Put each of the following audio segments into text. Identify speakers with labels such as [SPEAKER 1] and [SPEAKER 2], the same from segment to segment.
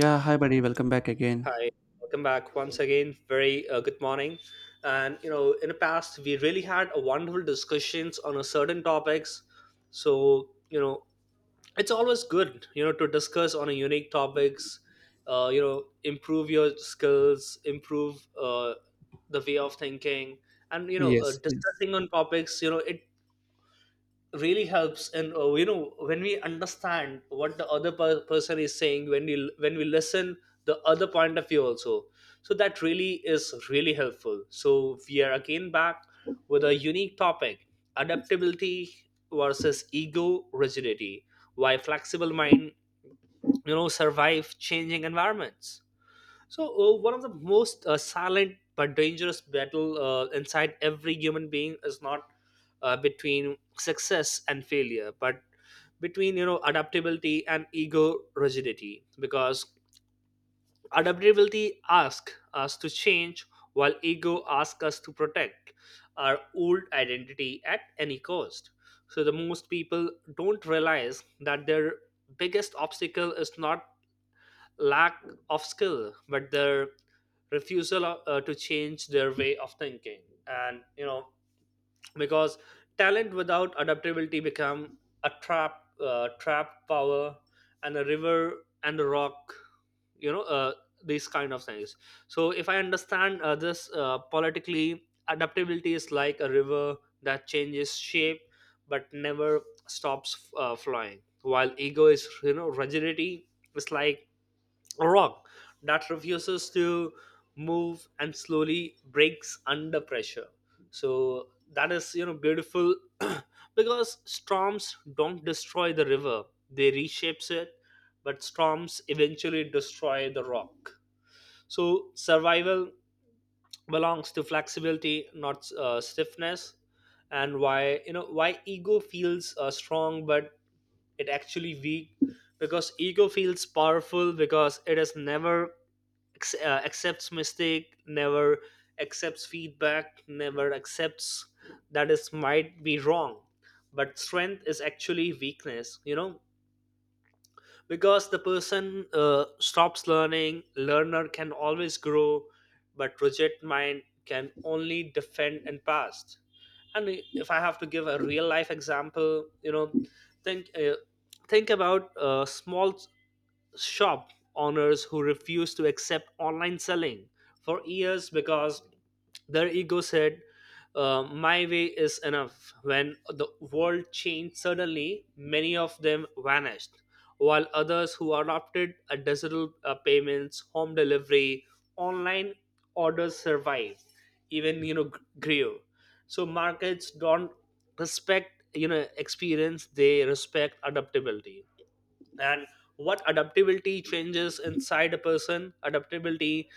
[SPEAKER 1] Yeah, hi buddy, welcome back again.
[SPEAKER 2] Hi, welcome back once again. Very good morning. And you know, in the past, we really had a wonderful discussions on a certain topics. So you know, it's always good you know to discuss on a unique topics. Improve your skills, improve the way of thinking, and you know,
[SPEAKER 1] Yes, yes.
[SPEAKER 2] discussing on topics. You know, it really helps and you know when we understand what the person is saying when we listen the other point of view also, so that really is really helpful. So we are again back with a unique topic: adaptability versus ego rigidity. Why flexible mind you know survive changing environments? So, one of the most silent but dangerous battle inside every human being is not between success and failure, but between you know adaptability and ego rigidity. Because adaptability asks us to change, while ego asks us to protect our old identity at any cost. So, the most people don't realize that their biggest obstacle is not lack of skill, but their refusal to change their way of thinking. And you know, because talent without adaptability become a trap, trap power, and a river and a rock. You know, these kind of things. So if I understand this politically, adaptability is like a river that changes shape but never stops flying. While ego is, you know, rigidity is like a rock that refuses to move and slowly breaks under pressure, so that is you know beautiful. Because storms don't destroy the river, they reshapes it, but storms eventually destroy the rock. So survival belongs to flexibility, not stiffness. And why you know why ego feels strong but it actually weak? Because ego feels powerful because it has never accepts mistake, never accepts feedback, never accepts that is might be wrong. But strength is actually weakness you know, because the person stops learning. Learner can always grow, but project mind can only defend and past. And if I have to give a real life example, you know, think uh, think about a small shop owners who refuse to accept online selling for years because their ego said, my way is enough. When the world changed suddenly, many of them vanished, while others who adopted a digital payments, home delivery, online orders survived, even you know grew. So markets don't respect you know experience; they respect adaptability. And what adaptability changes inside a person, adaptability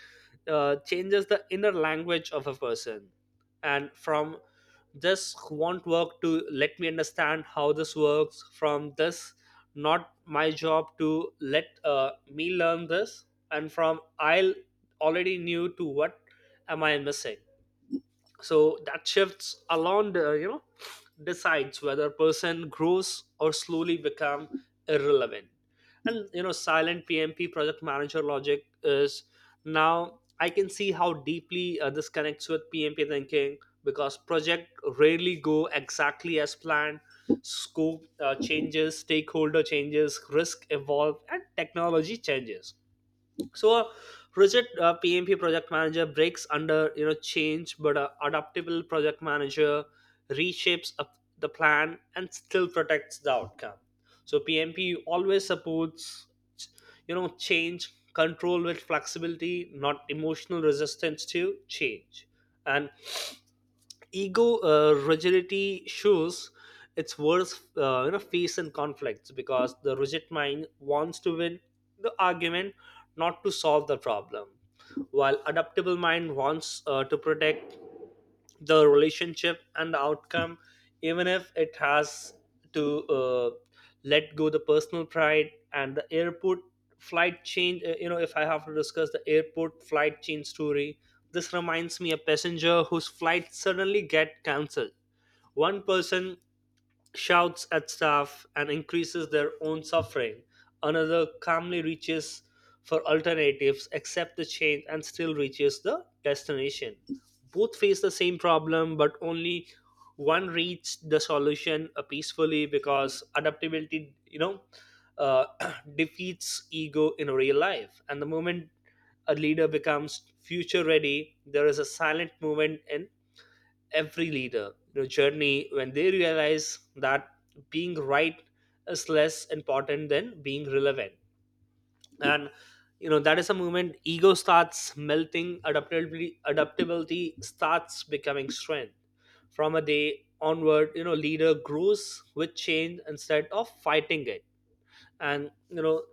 [SPEAKER 2] changes the inner language of a person, and from this won't work to let me understand how this works, from this not my job to let me learn this, and from I already knew to what am I missing. So that shifts along the you know decides whether a person grows or slowly become irrelevant. And you know silent PMP project manager logic is now I can see how deeply this connects with PMP thinking, because project rarely go exactly as planned. Scope changes, stakeholder changes, risk evolve, and technology changes. So a rigid PMP project manager breaks under you know change, but a adaptable project manager reshapes up the plan and still protects the outcome. So PMP always supports you know change control with flexibility, not emotional resistance to change. And ego rigidity shows its worst you know face in conflicts, because the rigid mind wants to win the argument, not to solve the problem, while adaptable mind wants to protect the relationship and the outcome, even if it has to let go the personal pride. And the airport flight change, you know, if I have to discuss the airport flight change story, this reminds me a passenger whose flight suddenly get cancelled. One person shouts at staff, and increases their own suffering. Another calmly reaches for alternatives, accepts the change, and still reaches the destination. Both face the same problem, but only one reached the solution peacefully, because adaptability, you know, uh, defeats ego in real life. And the moment a leader becomes future ready, there is a silent movement in every leader the journey when they realize that being right is less important than being relevant. And you know that is a moment ego starts melting, adaptability starts becoming strength. From a day onward you know leader grows with change instead of fighting it. And you know,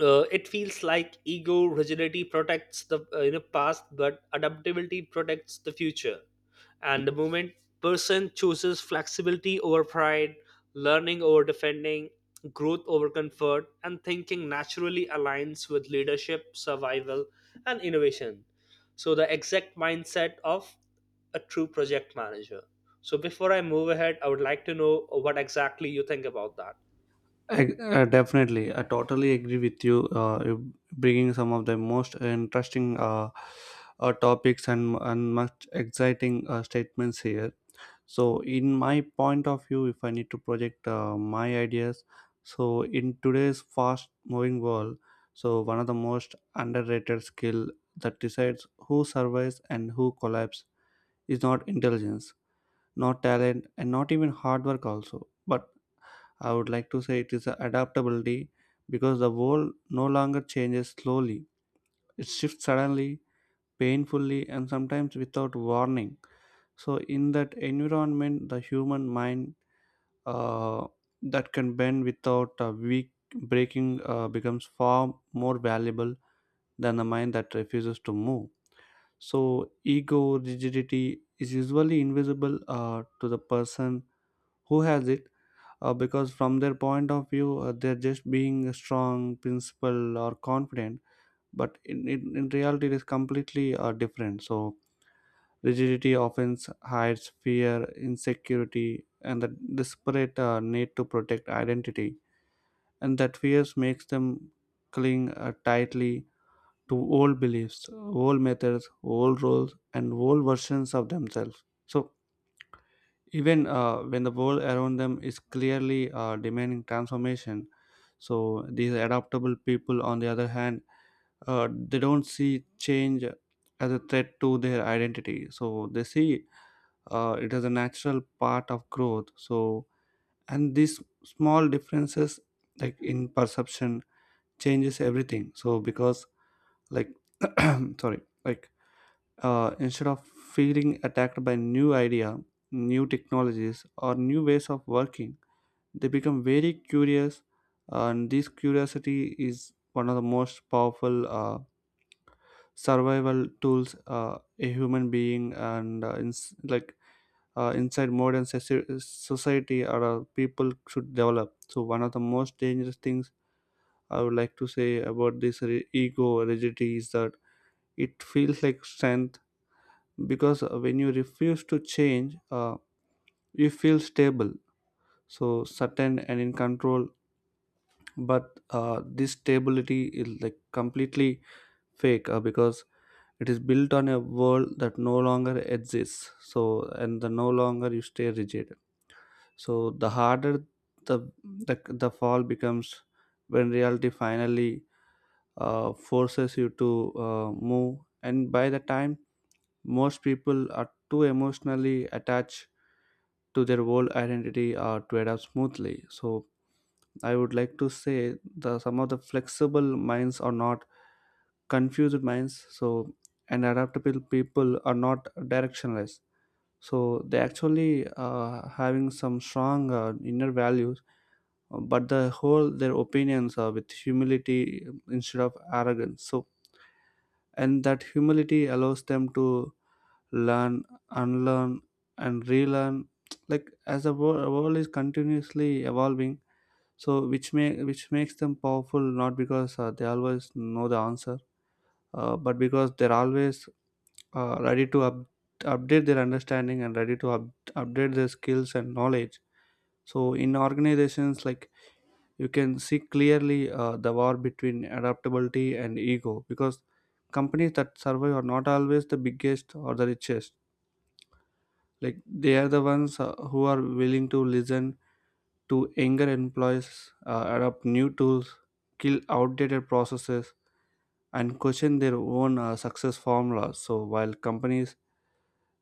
[SPEAKER 2] it feels like ego rigidity protects the you know past, but adaptability protects the future. And the moment person chooses flexibility over pride, learning over defending, growth over comfort, and thinking naturally aligns with leadership survival and innovation. So the exact mindset of a true project manager. So before I move ahead, I would like to know what exactly you think about that.
[SPEAKER 1] definitely, I totally agree with you. You bringing some of the most interesting topics and much exciting statements here. So in my point of view, if I need to project my ideas, so in today's fast moving world, so one of the most underrated skill that decides who survives and who collapses is not intelligence, not talent, and not even hard work also, but I would like to say it is adaptability, because the world no longer changes slowly, it shifts suddenly, painfully, and sometimes without warning. So in that environment, the human mind, uh, that can bend without a weak breaking becomes far more valuable than a mind that refuses to move. So, ego rigidity is usually invisible to the person who has it, because from their point of view, they're just being strong, principled, or confident. But in reality, it is completely different. So, rigidity often hides fear, insecurity, and the desperate need to protect identity, and that fears makes them cling tightly to old beliefs, old methods, old roles, and old versions of themselves. So even when the world around them is clearly demanding transformation, so these adaptable people, on the other hand, they don't see change as a threat to their identity. So they see it as a natural part of growth. So and these small differences, like in perception, changes everything, so because, like, sorry, like, instead of feeling attacked by new idea, new technologies, or new ways of working, they become very curious, and this curiosity is one of the most powerful survival tools a human being, and like, inside modern society, or people should develop. So one of the most dangerous things I would like to say about this ego rigidity is the it feels like strength, because when you refuse to change, you feel stable, so certain and in control, but this stability is like completely fake, because it is built on a world that no longer exists. So and the no longer you stay rigid, so the harder the the fall becomes when reality finally forces you to move, and by the time, most people are too emotionally attached to their old identity or to adapt smoothly. So I would like to say the some of the flexible minds are not confused minds. So and adaptable people are not directionless. So they actually having some strong inner values, but the whole their opinions are with humility instead of arrogance. So and that humility allows them to learn, unlearn, and relearn, like as the world is continuously evolving, so which makes them powerful, not because they always know the answer, but because they're always uh, ready to up, update their understanding, and update their skills and knowledge. So in organizations, like, you can see clearly the war between adaptability and ego, because companies that survive are not always the biggest or the richest, like they are the ones who are willing to listen to younger employees, adopt new tools, kill outdated processes, and question their own success formulas. So while companies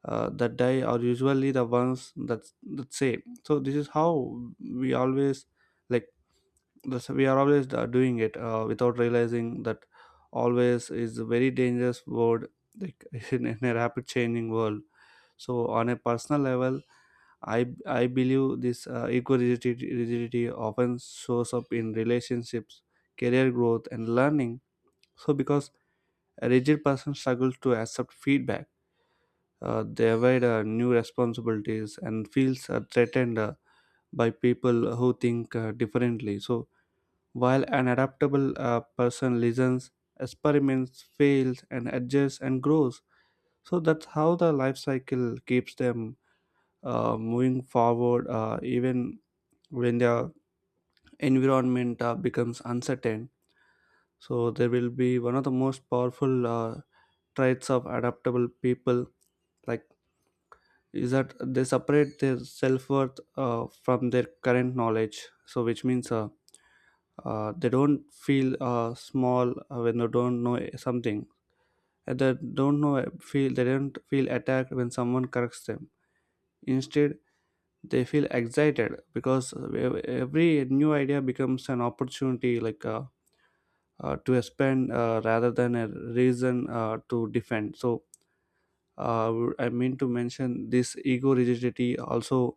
[SPEAKER 1] that die are usually the ones that say, so this is how we always, like, this, we are always doing it, without realizing that always is a very dangerous word, like, in a rapid changing world. So on a personal level, I believe this eco rigidity often shows up in relationships, career growth, and learning. So because a rigid person struggles to accept feedback, they avoid new responsibilities and feels threatened by people who think differently. So while an adaptable person listens, experiments, fails, and adjusts and grows, so that's how the life cycle keeps them moving forward, even when their environment becomes uncertain. So they will be one of the most powerful traits of adaptable people, like, is that they separate their self-worth from their current knowledge, so which means they don't feel small when they don't know something. And they don't know feel they don't feel attacked when someone corrects them. Instead, they feel excited because every new idea becomes an opportunity, like, to expand rather than a reason to defend. So uh, I mean to mention this ego rigidity also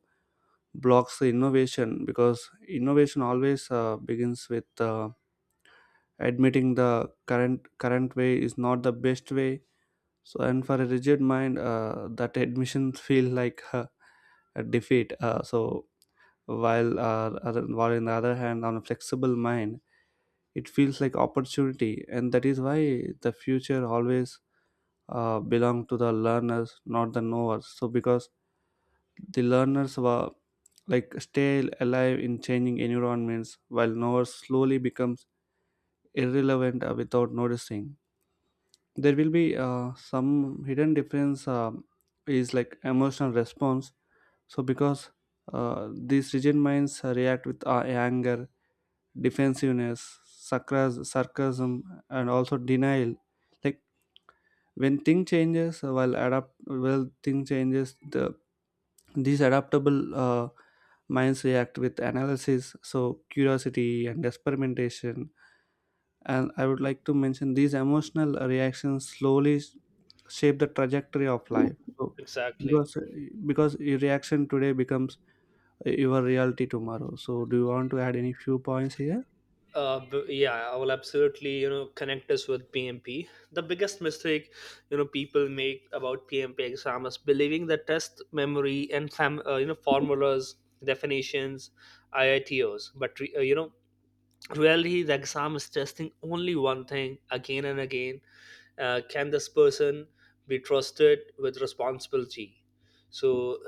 [SPEAKER 1] blocks the innovation, because innovation always begins with admitting the current way is not the best way. So and for a rigid mind, that admissions feel like a defeat, so while while in the other hand on a flexible mind, it feels like opportunity, and that is why the future always belong to the learners, not the knowers. So because the learners were, like, stay alive in changing environments, while knowers slowly becomes irrelevant without noticing. There will be some hidden difference, is like emotional response. So because these rigid minds react with anger, defensiveness, sarcasm, and also denial. Like when thing changes, well, thing changes, the these adaptable minds react with analysis, so curiosity and experimentation. And I would like to mention these emotional reactions slowly shape the trajectory of life. So
[SPEAKER 2] Exactly.
[SPEAKER 1] because because your reaction today becomes your reality tomorrow. So do you want to add any few points here?
[SPEAKER 2] Yeah, I will absolutely you know connect us with PMP. The biggest mistake you know people make about PMP exam is believing that test memory and you know formulas, definitions, IITOs, but you know really the exam is testing only one thing again and again. Can this person be trusted with responsibility? So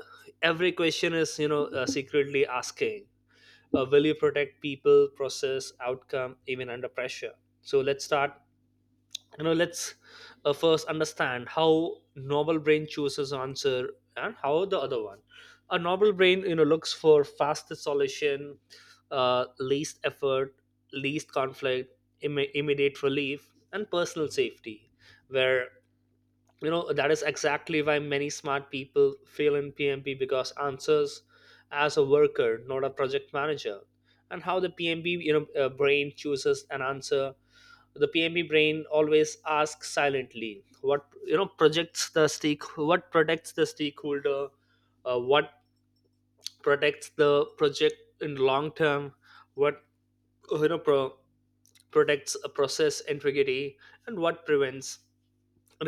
[SPEAKER 2] every question is you know secretly asking, will you protect people, process, outcome even under pressure? So let's start, you know, let's first understand how novel brain chooses answer and how the other one. A novel brain you know looks for fastest solution, least effort, least conflict, immediate relief, and personal safety. Where you know that is exactly why many smart people fail in PMP, because answers as a worker, not a project manager. And how the PMP you know brain chooses an answer? The PMP brain always asks silently what you know projects the stake, what protects the stakeholder, what protects the project in long term, what you know protects a process integrity, and what prevents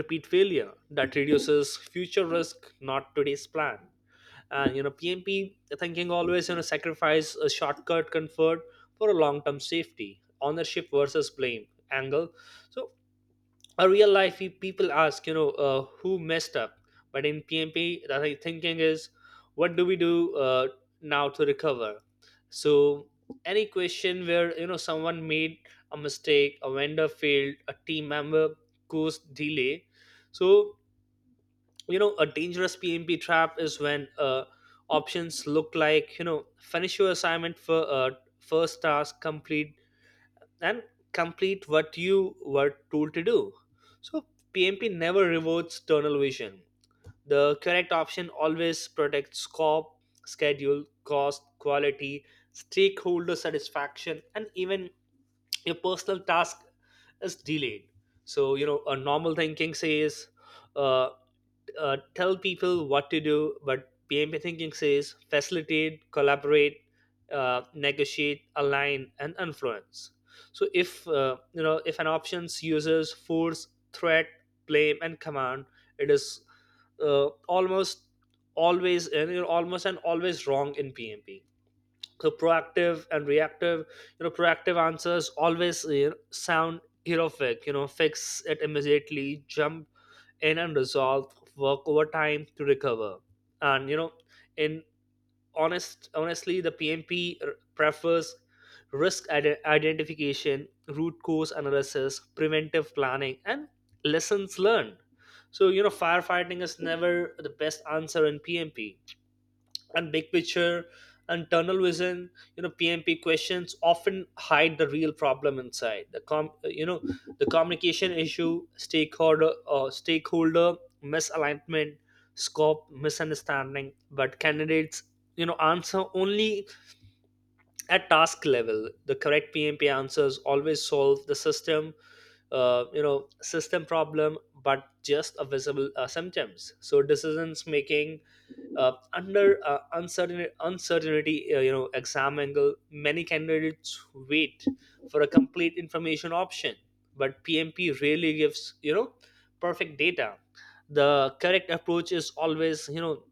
[SPEAKER 2] repeat failure that reduces future risk, not today's plan. And you know PMP thinking always you know sacrifice a shortcut comfort for a long-term safety, ownership versus blame angle. So a real life people ask you know who messed up, but in PMP the thinking is what do we do now to recover. So any question where you know someone made a mistake, a vendor failed, a team member caused delay. So you know a dangerous PMP trap is when options look like you know finish your assignment for first task complete, and complete what you were told to do. So PMP never rewards tunnel vision. The correct option always protects scope, schedule, cost, quality, stakeholder satisfaction, and even your personal task is delayed. So you know a normal thinking says uh tell people what to do, but PMP thinking says facilitate, collaborate, negotiate, align, and influence. So if you know if an options uses force, threat, blame, and command, it is almost always and you know, almost and always wrong in PMP. So proactive and reactive, you know, proactive answers always you know sound heroic. You know, fix it immediately, jump in and resolve, work over time to recover. And you know, in honestly, the PMP prefers risk identification, root cause analysis, preventive planning, and lessons learned. So you know, firefighting is never the best answer in PMP. And big picture and tunnel vision, you know PMP questions often hide the real problem inside the com you know the communication issue, stakeholder misalignment, scope misunderstanding, but candidates you know answer only at task level. The correct PMP answers always solve the system you know system problem, but just a visible symptoms. So decisions making under uncertainty, you know exam angle, many candidates wait for a complete information option, but PMP really gives you know perfect data. The correct approach is always you know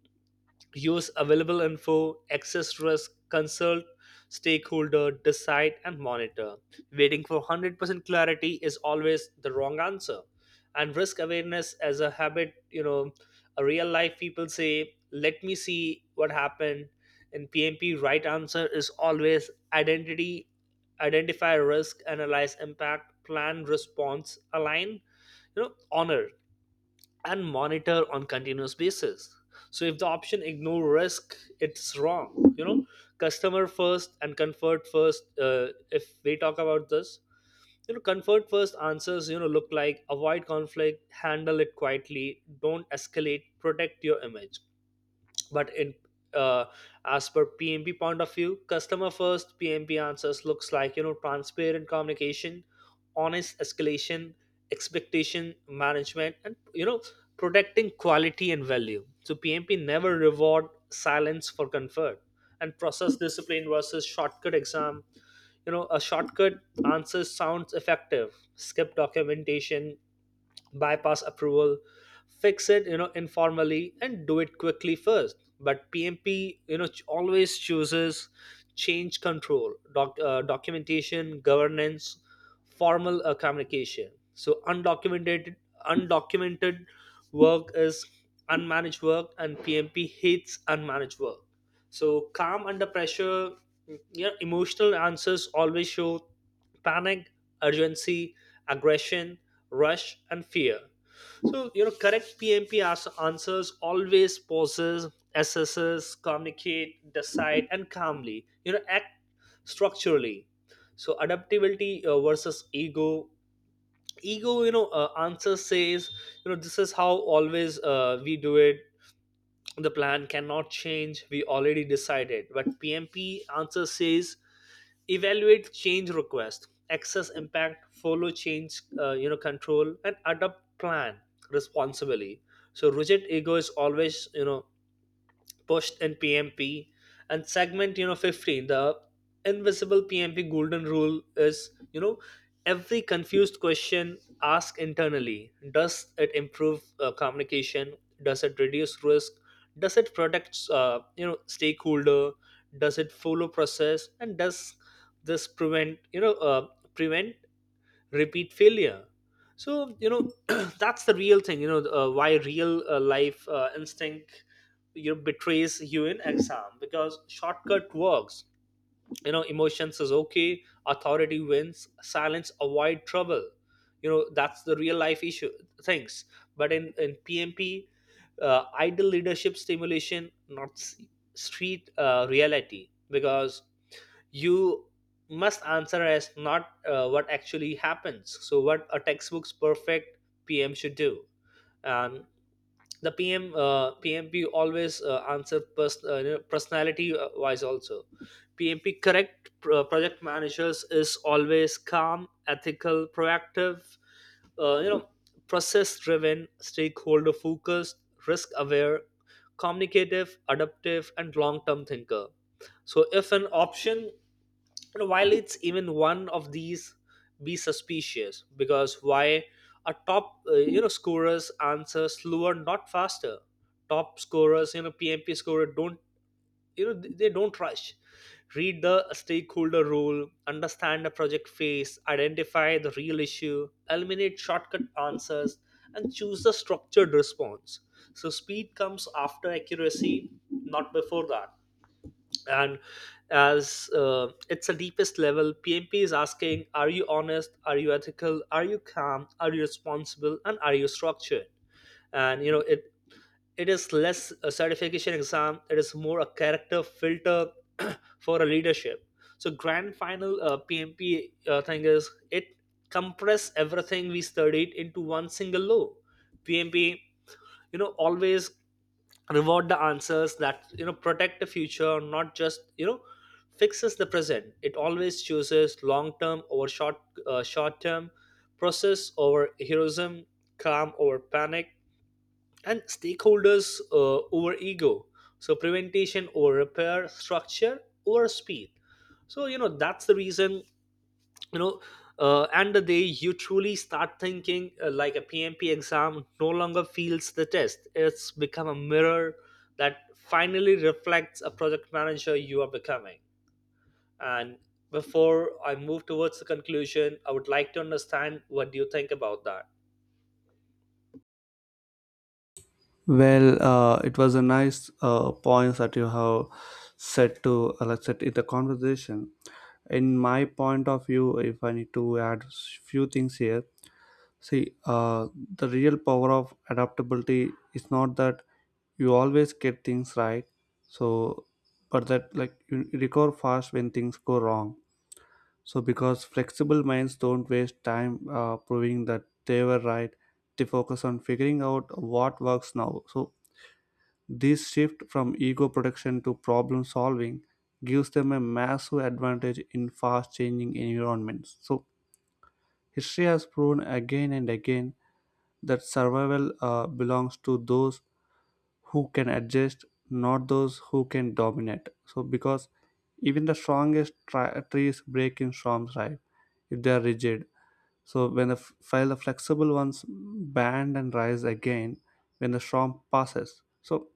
[SPEAKER 2] use available info, access risk, consult stakeholder, decide, and monitor. Waiting for 100% clarity is always the wrong answer. And risk awareness as a habit, you know, a real life people say, let me see what happened. In PMP, right answer is always identity, identify risk, analyze impact, plan response, align, you know, honor and monitor on continuous basis. So if the option ignore risk, it's wrong, you know. Customer first and comfort first, if we talk about this, you know comfort first answers you know look like avoid conflict, handle it quietly, don't escalate, protect your image. But in uh, as per PMP point of view, customer first PMP answers looks like you know transparent communication, honest escalation, expectation management, and you know protecting quality and value. So PMP never reward silence for comfort. And process discipline versus shortcut exam, you know a shortcut answer sounds effective. Skip documentation, bypass approval, fix it, informally, and do it quickly first. But PMP, always chooses change control documentation governance, formal communication. So undocumented undocumented work is unmanaged work, and PMP hates unmanaged work. So, calm under pressure. Your emotional answers always show panic, urgency, aggression, rush, and fear. So correct PMP answers always pauses, assesses, communicate, decide, and calmly, act structurally. So adaptability versus ego. Ego, answer says, this is how always we do it, the plan cannot change, we already decided. But PMP answer says evaluate change request, access impact, follow change control, and adopt plan responsibly. So rigid ego is always, pushed in PMP, and segment, 15, the invisible PMP golden rule is, every confused question ask internally: Does it improve communication? Does it reduce risk? Does it protect, stakeholder? Does it follow process? And does this prevent prevent repeat failure? So, that's the real thing, why real life instinct, you know, betrays you in exam, because shortcut works, emotions is okay, authority wins, silence avoid trouble. That's the real life issue things. But in PMP, idle leadership stimulation, not street reality. Because you must answer as not, what actually happens, so what a textbook's perfect PM should do. And the pm PMP always answer you know, personality wise also. PMP correct project managers is always calm, ethical, proactive, uh, you know process driven, stakeholder focused, risk aware, communicative, adaptive, and long term thinker. So if an option, and while it's even one of these, be suspicious. Because why? A top, scorers answer slower, not faster. Top scorers, PMP scorer don't, they don't rush. Read the stakeholder role, understand the project phase, identify the real issue, eliminate shortcut answers, and choose the structured response. So speed comes after accuracy, not before that. And as it's the deepest level, PMP is asking, are you honest, are you ethical, are you calm, are you responsible, and are you structured? And it is less a certification exam, it is more a character filter for a leadership. So grand final pmp thing is it compress everything we studied into one single law. PMP, always reward the answers that, protect the future, not just, fixes the present. It always chooses long term over short term, process over heroism, calm over panic, and stakeholders, over ego. So prevention over repair, structure over speed. So, that's the reason, you know and the day you truly start thinking like a PMP, exam no longer feels the test, it's become a mirror that finally reflects a project manager you are becoming. And before I move towards the conclusion, I would like to understand, what do you think about that?
[SPEAKER 1] Well, it was a nice points that you have said to let's say in the conversation. In my point of view, if I need to add few things here, see the real power of adaptability is not that you always get things right, so but that, like, you recover fast when things go wrong. So because flexible minds don't waste time proving that they were right, they focus on figuring out what works now. So this shift from ego protection to problem solving gives them a massive advantage in fast changing environments. So history has proven again and again that survival belongs to those who can adjust, not those who can dominate. So because even the strongest trees break in storms, right? If they are rigid. So when while the flexible ones bend and rise again when the storm passes. So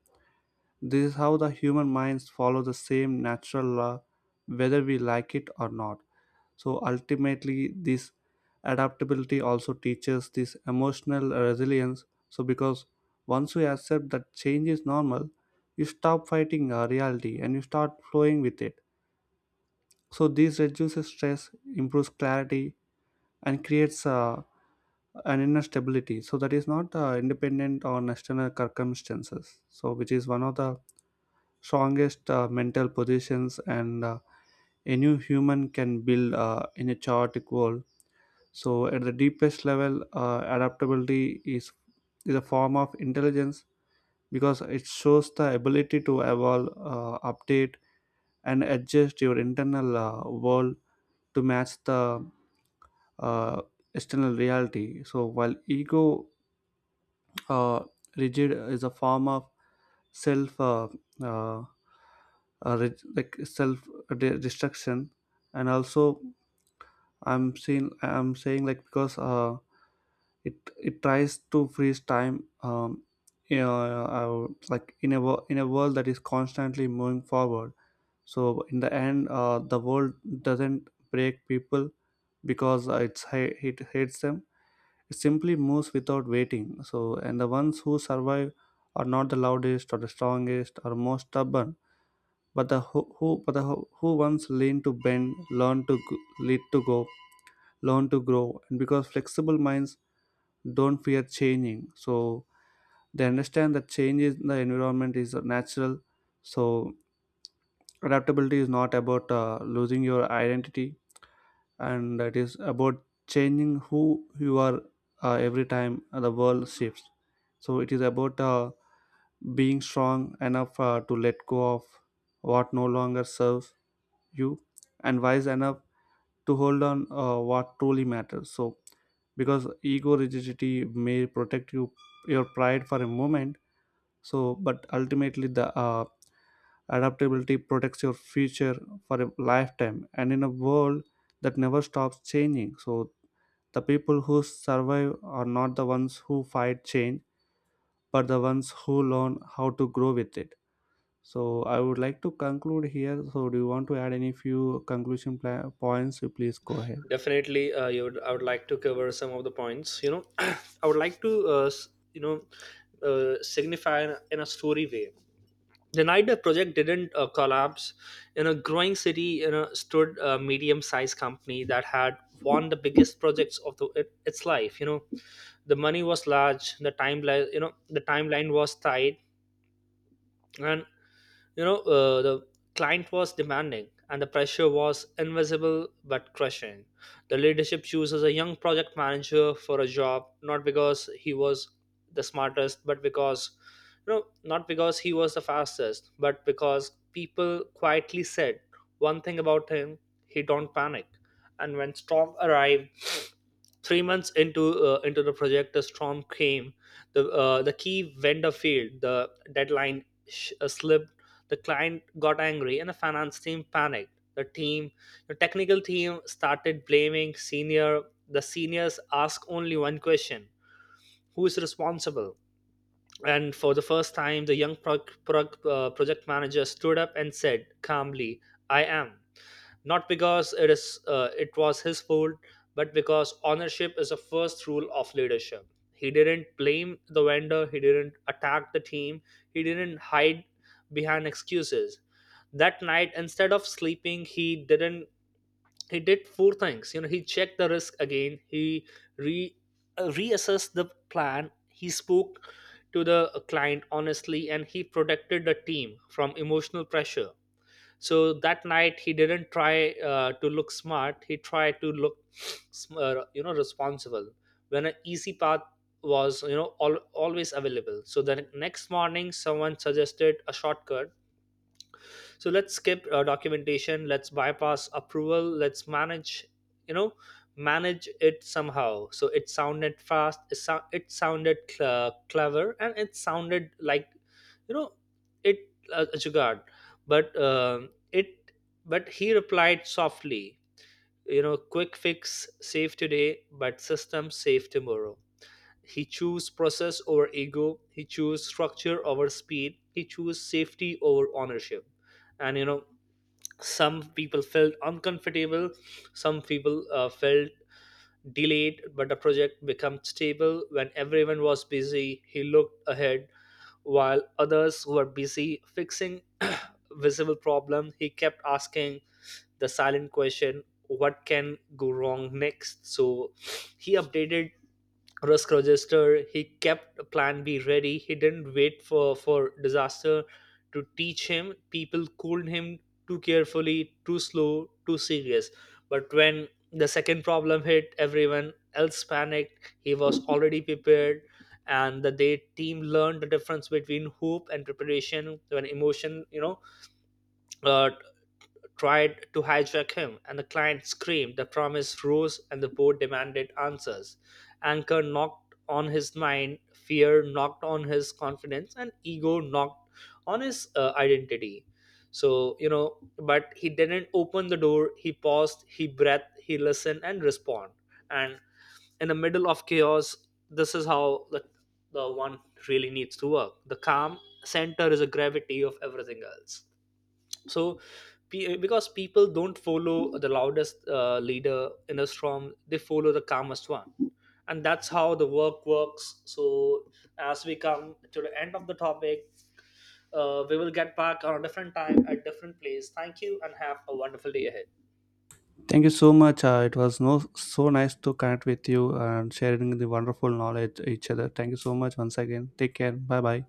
[SPEAKER 1] this is how the human minds follow the same natural law, whether we like it or not. So ultimately, this adaptability also teaches this emotional resilience. So because once we accept that change is normal, you stop fighting reality and you start flowing with it. So this reduces stress, improves clarity, and creates an inner stability. So that is not independent on external circumstances, so which is one of the strongest mental positions and a human can build in a chaotic world. So at the deepest level, adaptability is a form of intelligence, because it shows the ability to evolve, update, and adjust your internal world to match the uh, external reality. So while ego uh, rigid is a form of self, uh, like self destruction. And also, I'm saying, like, because it it tries to freeze time, you know, like in in a world that is constantly moving forward. So in the end, the world doesn't break people because it hates them, it simply moves without waiting. So, and the ones who survive are not the loudest or the strongest or most stubborn, but the who once learn to bend, lead to go, learn to grow, and because flexible minds don't fear changing, so they understand that change in the environment is natural. So adaptability is not about losing your identity, and it is about changing who you are every time the world shifts, so it is about being strong enough to let go of what no longer serves you, and wise enough to hold on what truly matters, so because ego rigidity may protect you your pride for a moment, so but ultimately the adaptability protects your future for a lifetime. And in a world that never stops changing, so the people who survive are not the ones who fight change, but the ones who learn how to grow with it. So I would like to conclude here, so do you want to add any few conclusion points? You please go ahead.
[SPEAKER 2] Definitely, you would, I would like to cover some of the points, I would like to signify in a story way, the Nidar project didn't collapse. In a growing city, you know, stood a medium-sized company that had won the biggest projects of it, its life. You know, the money was large, the timeline, you know, the timeline was tight, and you know, the client was demanding, and the pressure was invisible but crushing. The leadership chooses a young project manager for a job, not because he was the smartest, but because, you know, not because he was the fastest, but because people quietly said one thing about him: he don't panic. And when storm arrived, 3 months into the project, the storm came. The key vendor failed. The deadline slipped, the client got angry, and the finance team panicked. The technical team started blaming senior. The seniors asked only one question: who is responsible? And for the first time, the young project manager stood up and said calmly, I am. Not because it was his fault, but because ownership is a first rule of leadership. He didn't blame the vendor, he didn't attack the team, he didn't hide behind excuses. That night, instead of sleeping, he didn't he did four things, you know. He checked the risk again, he re reassessed the plan, he spoke to the client honestly, and he protected the team from emotional pressure. So that night he didn't try, to look smart, he tried to look you know, responsible. When an easy path was, you know, always available. So the next morning someone suggested a shortcut. So let's skip documentation, let's bypass approval, let's manage, you know it somehow. So it sounded fast, it sounded clever, and it sounded like, you know it a jugaad. But it but he replied softly, you know, quick fix save today but system save tomorrow. He chose process over ego, he chose structure over speed, he chose safety over ownership. And, you know, some people felt uncomfortable, some people felt delayed, but the project became stable. When everyone was busy, he looked ahead. While others were busy fixing visible problems, he kept asking the silent question, what can go wrong next? So he updated risk register. He kept a plan B ready. He didn't wait for disaster to teach him. People cooled him too carefully, too slow, too serious. But when the second problem hit, everyone else panicked. He was already prepared. And the day team learned the difference between hope and preparation, when emotion, you know, uh, tried to hijack him, and the client screamed. The promise rose, and the board demanded answers. Anger knocked on his mind, fear knocked on his confidence, and ego knocked on his identity. So, you know, but he didn't open the door. He paused, he breathed, he listened, and respond. And in the middle of chaos, this is how the one really needs to work. The calm center is a gravity of everything else. So because people don't follow the loudest leader in a storm, they follow the calmest one. And that's how the work works. So as we come to the end of the topic, we will get back on a different time at different place. Thank you, and have a wonderful day ahead.
[SPEAKER 1] Thank you so much. It was no so nice to connect with you and sharing the wonderful knowledge each other. Thank you so much once again, take care, bye bye.